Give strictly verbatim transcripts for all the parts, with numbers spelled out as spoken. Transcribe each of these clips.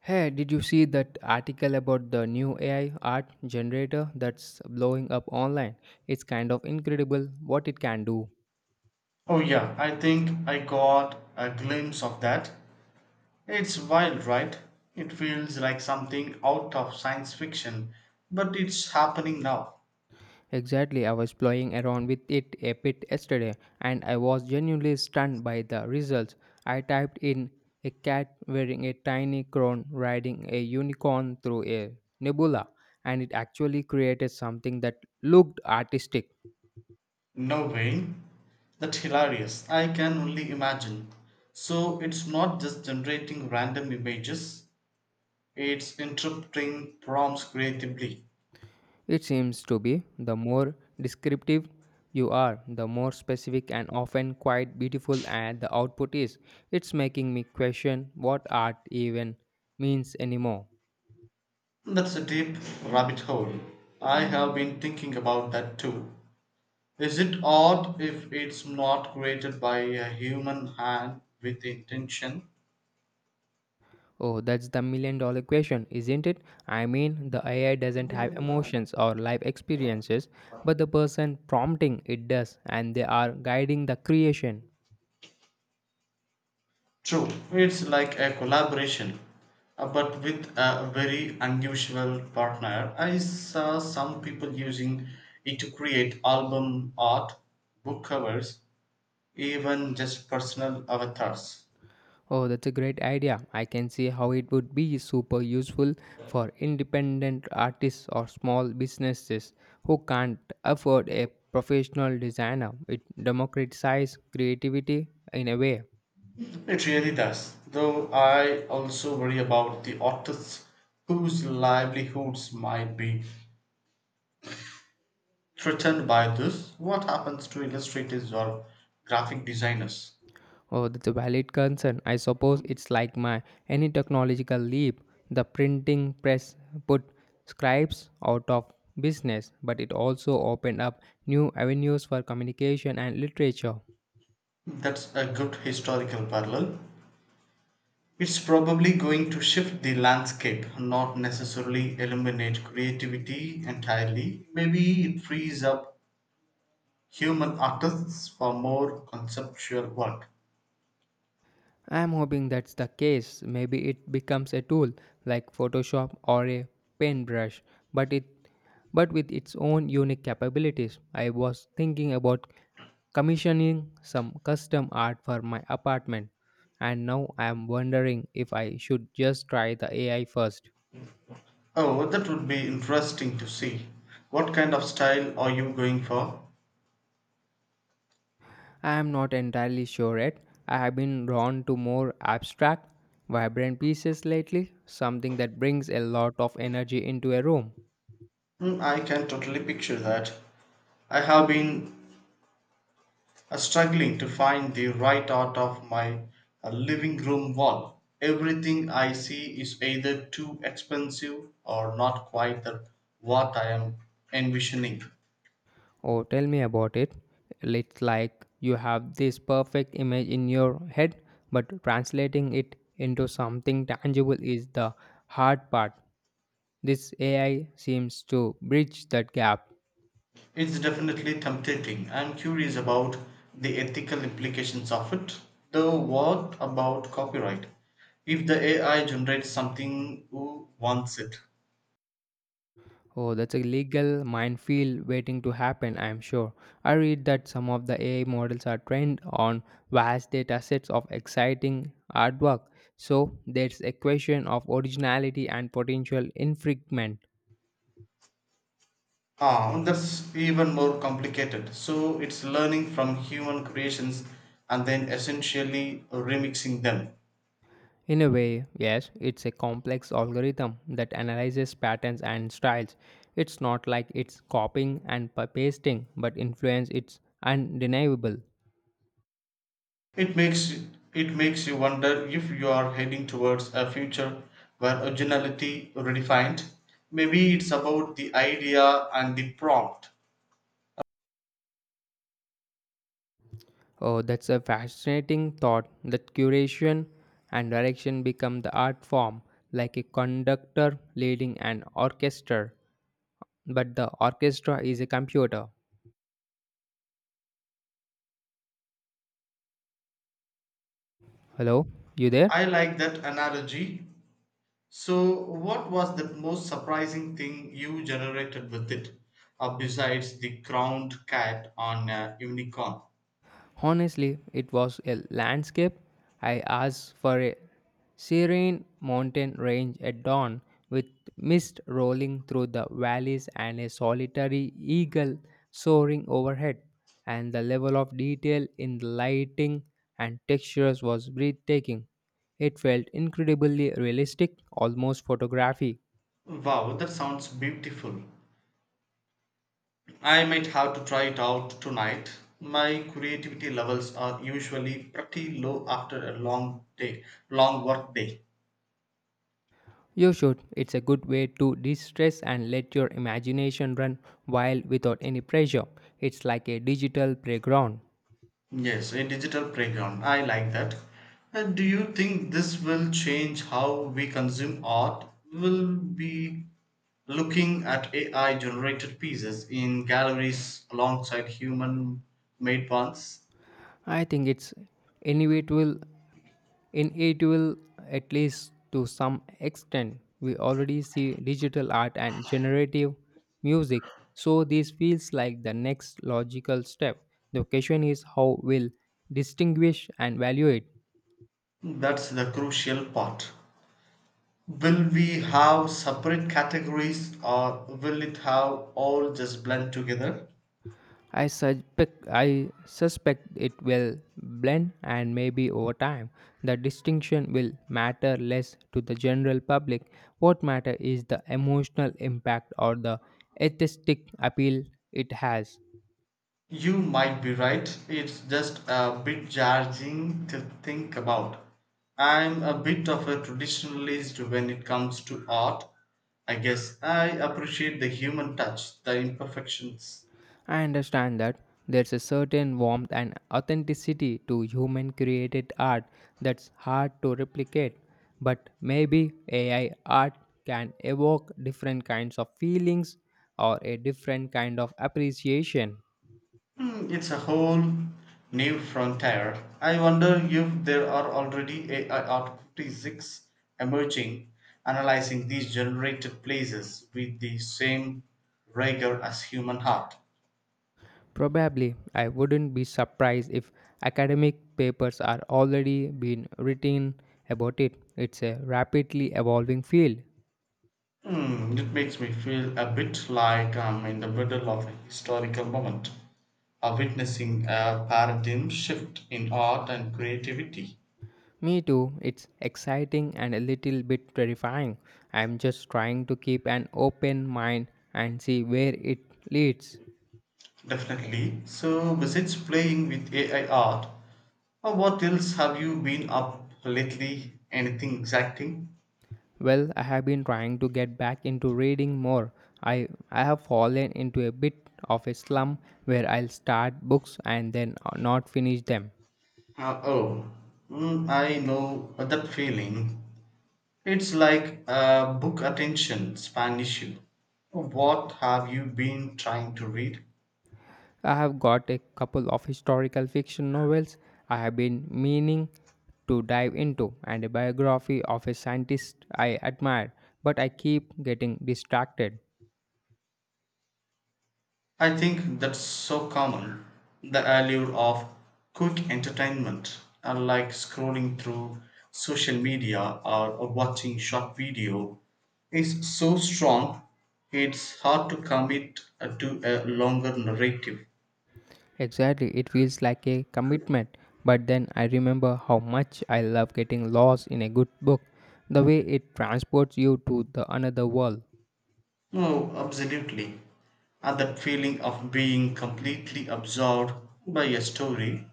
Hey, did you see that article about the new A I art generator that's blowing up online? It's kind of incredible what it can do. Oh, yeah, I think I got a glimpse of that. It's wild, right? It feels like something out of science fiction, but it's happening now. Exactly, I was playing around with it a bit yesterday and I was genuinely stunned by the results. I typed in a cat wearing a tiny crown riding a unicorn through a nebula, and it actually created something that looked artistic. No way. That's hilarious. I can only imagine. So it's not just generating random images, it's interpreting prompts creatively. It seems to be the more descriptive you are, the more specific and often quite beautiful and the output is. It's making me question what art even means anymore. That's a deep rabbit hole. I have been thinking about that too. Is it odd if it's not created by a human hand with intention? Oh, that's the million dollar question, isn't it? I mean, the A I doesn't have emotions or life experiences, but the person prompting it does, and they are guiding the creation. True. It's like a collaboration, uh, but with a very unusual partner. I saw some people using it to create album art, book covers, even just personal avatars. Oh, that's a great idea. I can see how it would be super useful for independent artists or small businesses who can't afford a professional designer. It democratizes creativity in a way. It really does, though I also worry about the artists whose livelihoods might be threatened by this. What happens to illustrators or graphic designers? Oh, that's a valid concern. I suppose it's like my any technological leap. The printing press put scribes out of business, but it also opened up new avenues for communication and literature. That's a good historical parallel. It's probably going to shift the landscape, not necessarily eliminate creativity entirely. Maybe it frees up human artists for more conceptual work. I'm hoping that's the case. Maybe it becomes a tool like Photoshop or a paintbrush, but it but with its own unique capabilities. I was thinking about commissioning some custom art for my apartment, and now I am wondering if I should just try the A I first. Oh, that would be interesting to see. What kind of style are you going for? I am not entirely sure yet. I have been drawn to more abstract, vibrant pieces lately, something that brings a lot of energy into a room. Hmm, I can totally picture that. I have been uh, struggling to find the right out of my uh, living room wall. Everything I see is either too expensive or not quite the, what I am envisioning. Oh, tell me about it. It's like you have this perfect image in your head, but translating it into something tangible is the hard part. This A I seems to bridge that gap. It's definitely tempting. I'm curious about the ethical implications of it. Though, what about copyright? If the A I generates something, who wants it? Oh, that's a legal minefield waiting to happen, I'm sure. I read that some of the A I models are trained on vast data sets of exciting artwork, so there's a question of originality and potential infringement. Ah, that's even more complicated. So it's learning from human creations and then essentially remixing them. In a way, yes, it's a complex algorithm that analyzes patterns and styles. It's not like it's copying and pa- pasting, but influence it's undeniable. It makes it makes you wonder if you are heading towards a future where originality redefined. Maybe it's about the idea and the prompt. Oh, that's a fascinating thought that curation and direction become the art form, like a conductor leading an orchestra, but the orchestra is a computer. Hello, you there? I like that analogy. So, what was the most surprising thing you generated with it, uh, besides the crowned cat on a unicorn? Honestly, it was a landscape. I asked for a serene mountain range at dawn with mist rolling through the valleys and a solitary eagle soaring overhead. And the level of detail in the lighting and textures was breathtaking. It felt incredibly realistic, almost photography. Wow, that sounds beautiful. I might have to try it out tonight. My creativity levels are usually pretty low after a long day, long work day. You should. It's a good way to de stress and let your imagination run wild without any pressure. It's like a digital playground. Yes, a digital playground. I like that. And do you think this will change how we consume art? Will be looking at A I generated pieces in galleries alongside human made ones? I think it's inevitable, inevitable at least to some extent. We already see digital art and generative music, so this feels like the next logical step. The question is how we'll distinguish and value it. That's the crucial part. Will we have separate categories or will it have all just blend together? I suspect I suspect it will blend, and maybe over time the distinction will matter less to the general public. What matter is the emotional impact or the aesthetic appeal it has. You might be right. It's just a bit jarring to think about. I'm a bit of a traditionalist when it comes to art. I guess I appreciate the human touch, the imperfections. I understand that there's a certain warmth and authenticity to human created art that's hard to replicate, but maybe A I art can evoke different kinds of feelings or a different kind of appreciation. Hmm, it's a whole new frontier. I wonder if there are already A I artists emerging, analyzing these generated places with the same rigor as human heart. Probably, I wouldn't be surprised if academic papers are already being written about it. It's a rapidly evolving field. Hmm, it makes me feel a bit like I'm in the middle of a historical moment, or witnessing a paradigm shift in art and creativity. Me too. It's exciting and a little bit terrifying. I'm just trying to keep an open mind and see where it leads. Definitely. So, besides playing with A I art, Uh, what else have you been up lately? Anything exciting? Well, I have been trying to get back into reading more. I I have fallen into a bit of a slump where I'll start books and then not finish them. Uh, oh, mm, I know that feeling. It's like a book attention span issue. What have you been trying to read? I have got a couple of historical fiction novels I have been meaning to dive into and a biography of a scientist I admire, but I keep getting distracted. I think that's so common. The allure of quick entertainment, unlike scrolling through social media or, or watching short video, is so strong it's hard to commit uh, to a longer narrative. Exactly, it feels like a commitment. But then I remember how much I love getting lost in a good book, the way it transports you to the another world. No, absolutely. And that feeling of being completely absorbed by a story,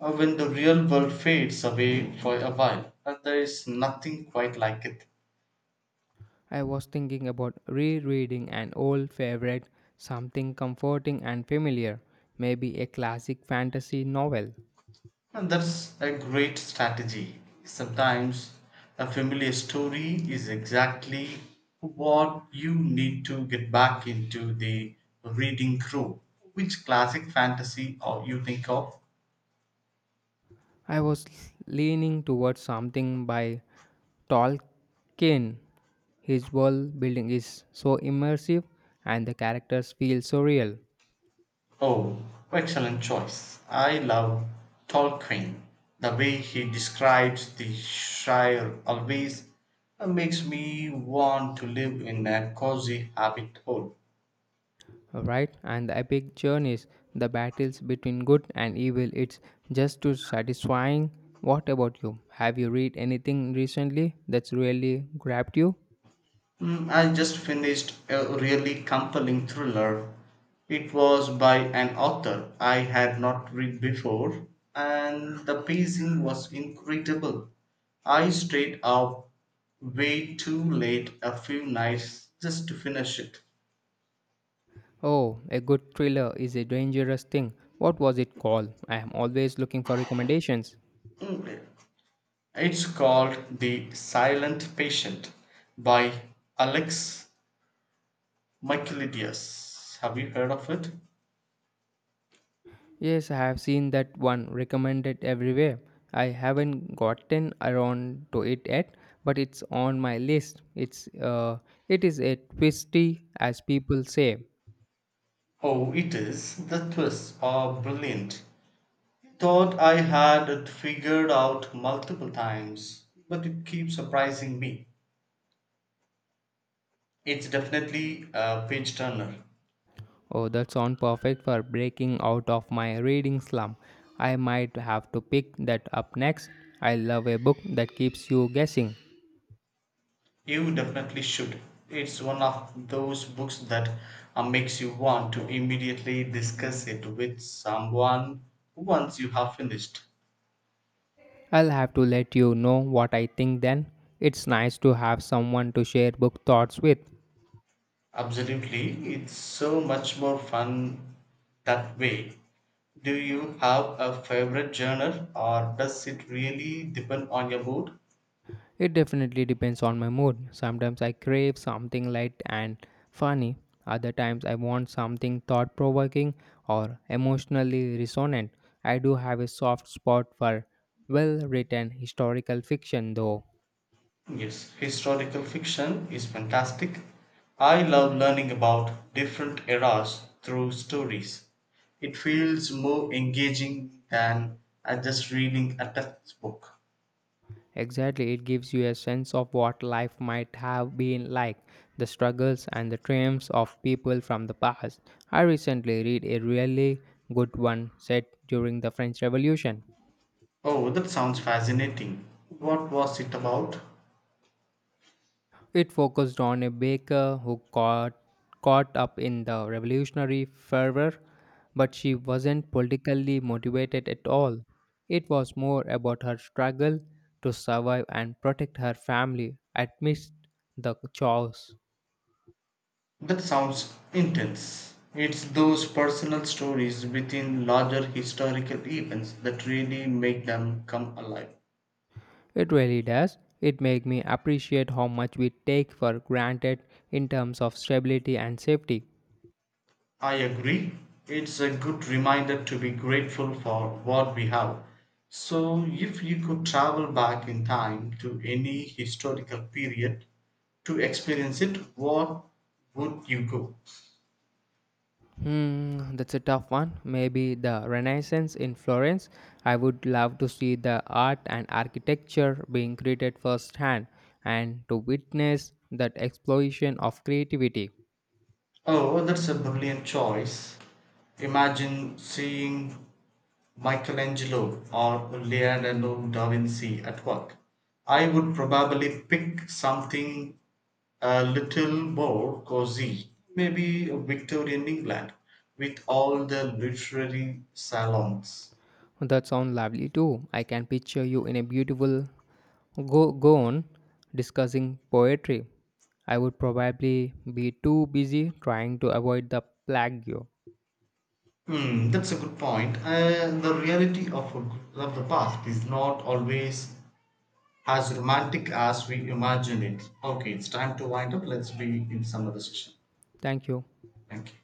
uh, when the real world fades away for a while, and there is nothing quite like it. I was thinking about rereading an old favorite, something comforting and familiar, maybe a classic fantasy novel. And that's a great strategy. Sometimes a familiar story is exactly what you need to get back into the reading crew. Which classic fantasy or you think of? I was leaning towards something by Tolkien. His world building is so immersive and the characters feel so real. Oh, excellent choice. I love Tolkien. The way he describes the Shire always uh, makes me want to live in a cozy habit hole. Right? And the epic journeys, the battles between good and evil, it's just too satisfying. What about you? Have you read anything recently that's really grabbed you? Mm, I just finished a really compelling thriller. It was by an author I had not read before, and the pacing was incredible. I stayed up way too late a few nights just to finish it. Oh, a good thriller is a dangerous thing. What was it called? I am always looking for recommendations. Mm, it's called The Silent Patient by Alex Michaelides. Have you heard of it? Yes, I have seen that one recommended everywhere. I haven't gotten around to it yet, but it's on my list. It's uh, it is a twisty, as people say. Oh, it is. The twists are brilliant. Thought I had it figured out multiple times, but it keeps surprising me. It's definitely a page turner. Oh, that sounds perfect for breaking out of my reading slump. I might have to pick that up next. I love a book that keeps you guessing. You definitely should. It's one of those books that uh, makes you want to immediately discuss it with someone once you have finished. I'll have to let you know what I think then. It's nice to have someone to share book thoughts with. Absolutely, it's so much more fun that way. Do you have a favorite genre or does it really depend on your mood? It definitely depends on my mood. Sometimes I crave something light and funny. Other times I want something thought provoking or emotionally resonant. I do have a soft spot for well written historical fiction though. Yes, historical fiction is fantastic. I love learning about different eras through stories. It feels more engaging than uh, just reading a textbook. Exactly, it gives you a sense of what life might have been like, the struggles and the triumphs of people from the past. I recently read a really good one set during the French Revolution. Oh, that sounds fascinating. What was it about? It focused on a baker who got caught up in the revolutionary fervor, but she wasn't politically motivated at all. It was more about her struggle to survive and protect her family amidst the chaos. That sounds intense. It's those personal stories within larger historical events that really make them come alive. It really does. It makes me appreciate how much we take for granted in terms of stability and safety. I agree. It's a good reminder to be grateful for what we have. So, if you could travel back in time to any historical period to experience it, what would you go? Hmm, that's a tough one. Maybe the Renaissance in Florence. I would love to see the art and architecture being created firsthand and to witness that explosion of creativity. Oh, that's a brilliant choice. Imagine seeing Michelangelo or Leonardo da Vinci at work. I would probably pick something a little more cozy, maybe Victorian England, with all the literary salons. That sounds lovely too. I can picture you in a beautiful go go on discussing poetry. I would probably be too busy trying to avoid the plague. Hmm, that's a good point. Uh, the reality of, a, of the past is not always as romantic as we imagine it. Okay, it's time to wind up. Let's be in some other session. Thank you. Thank you.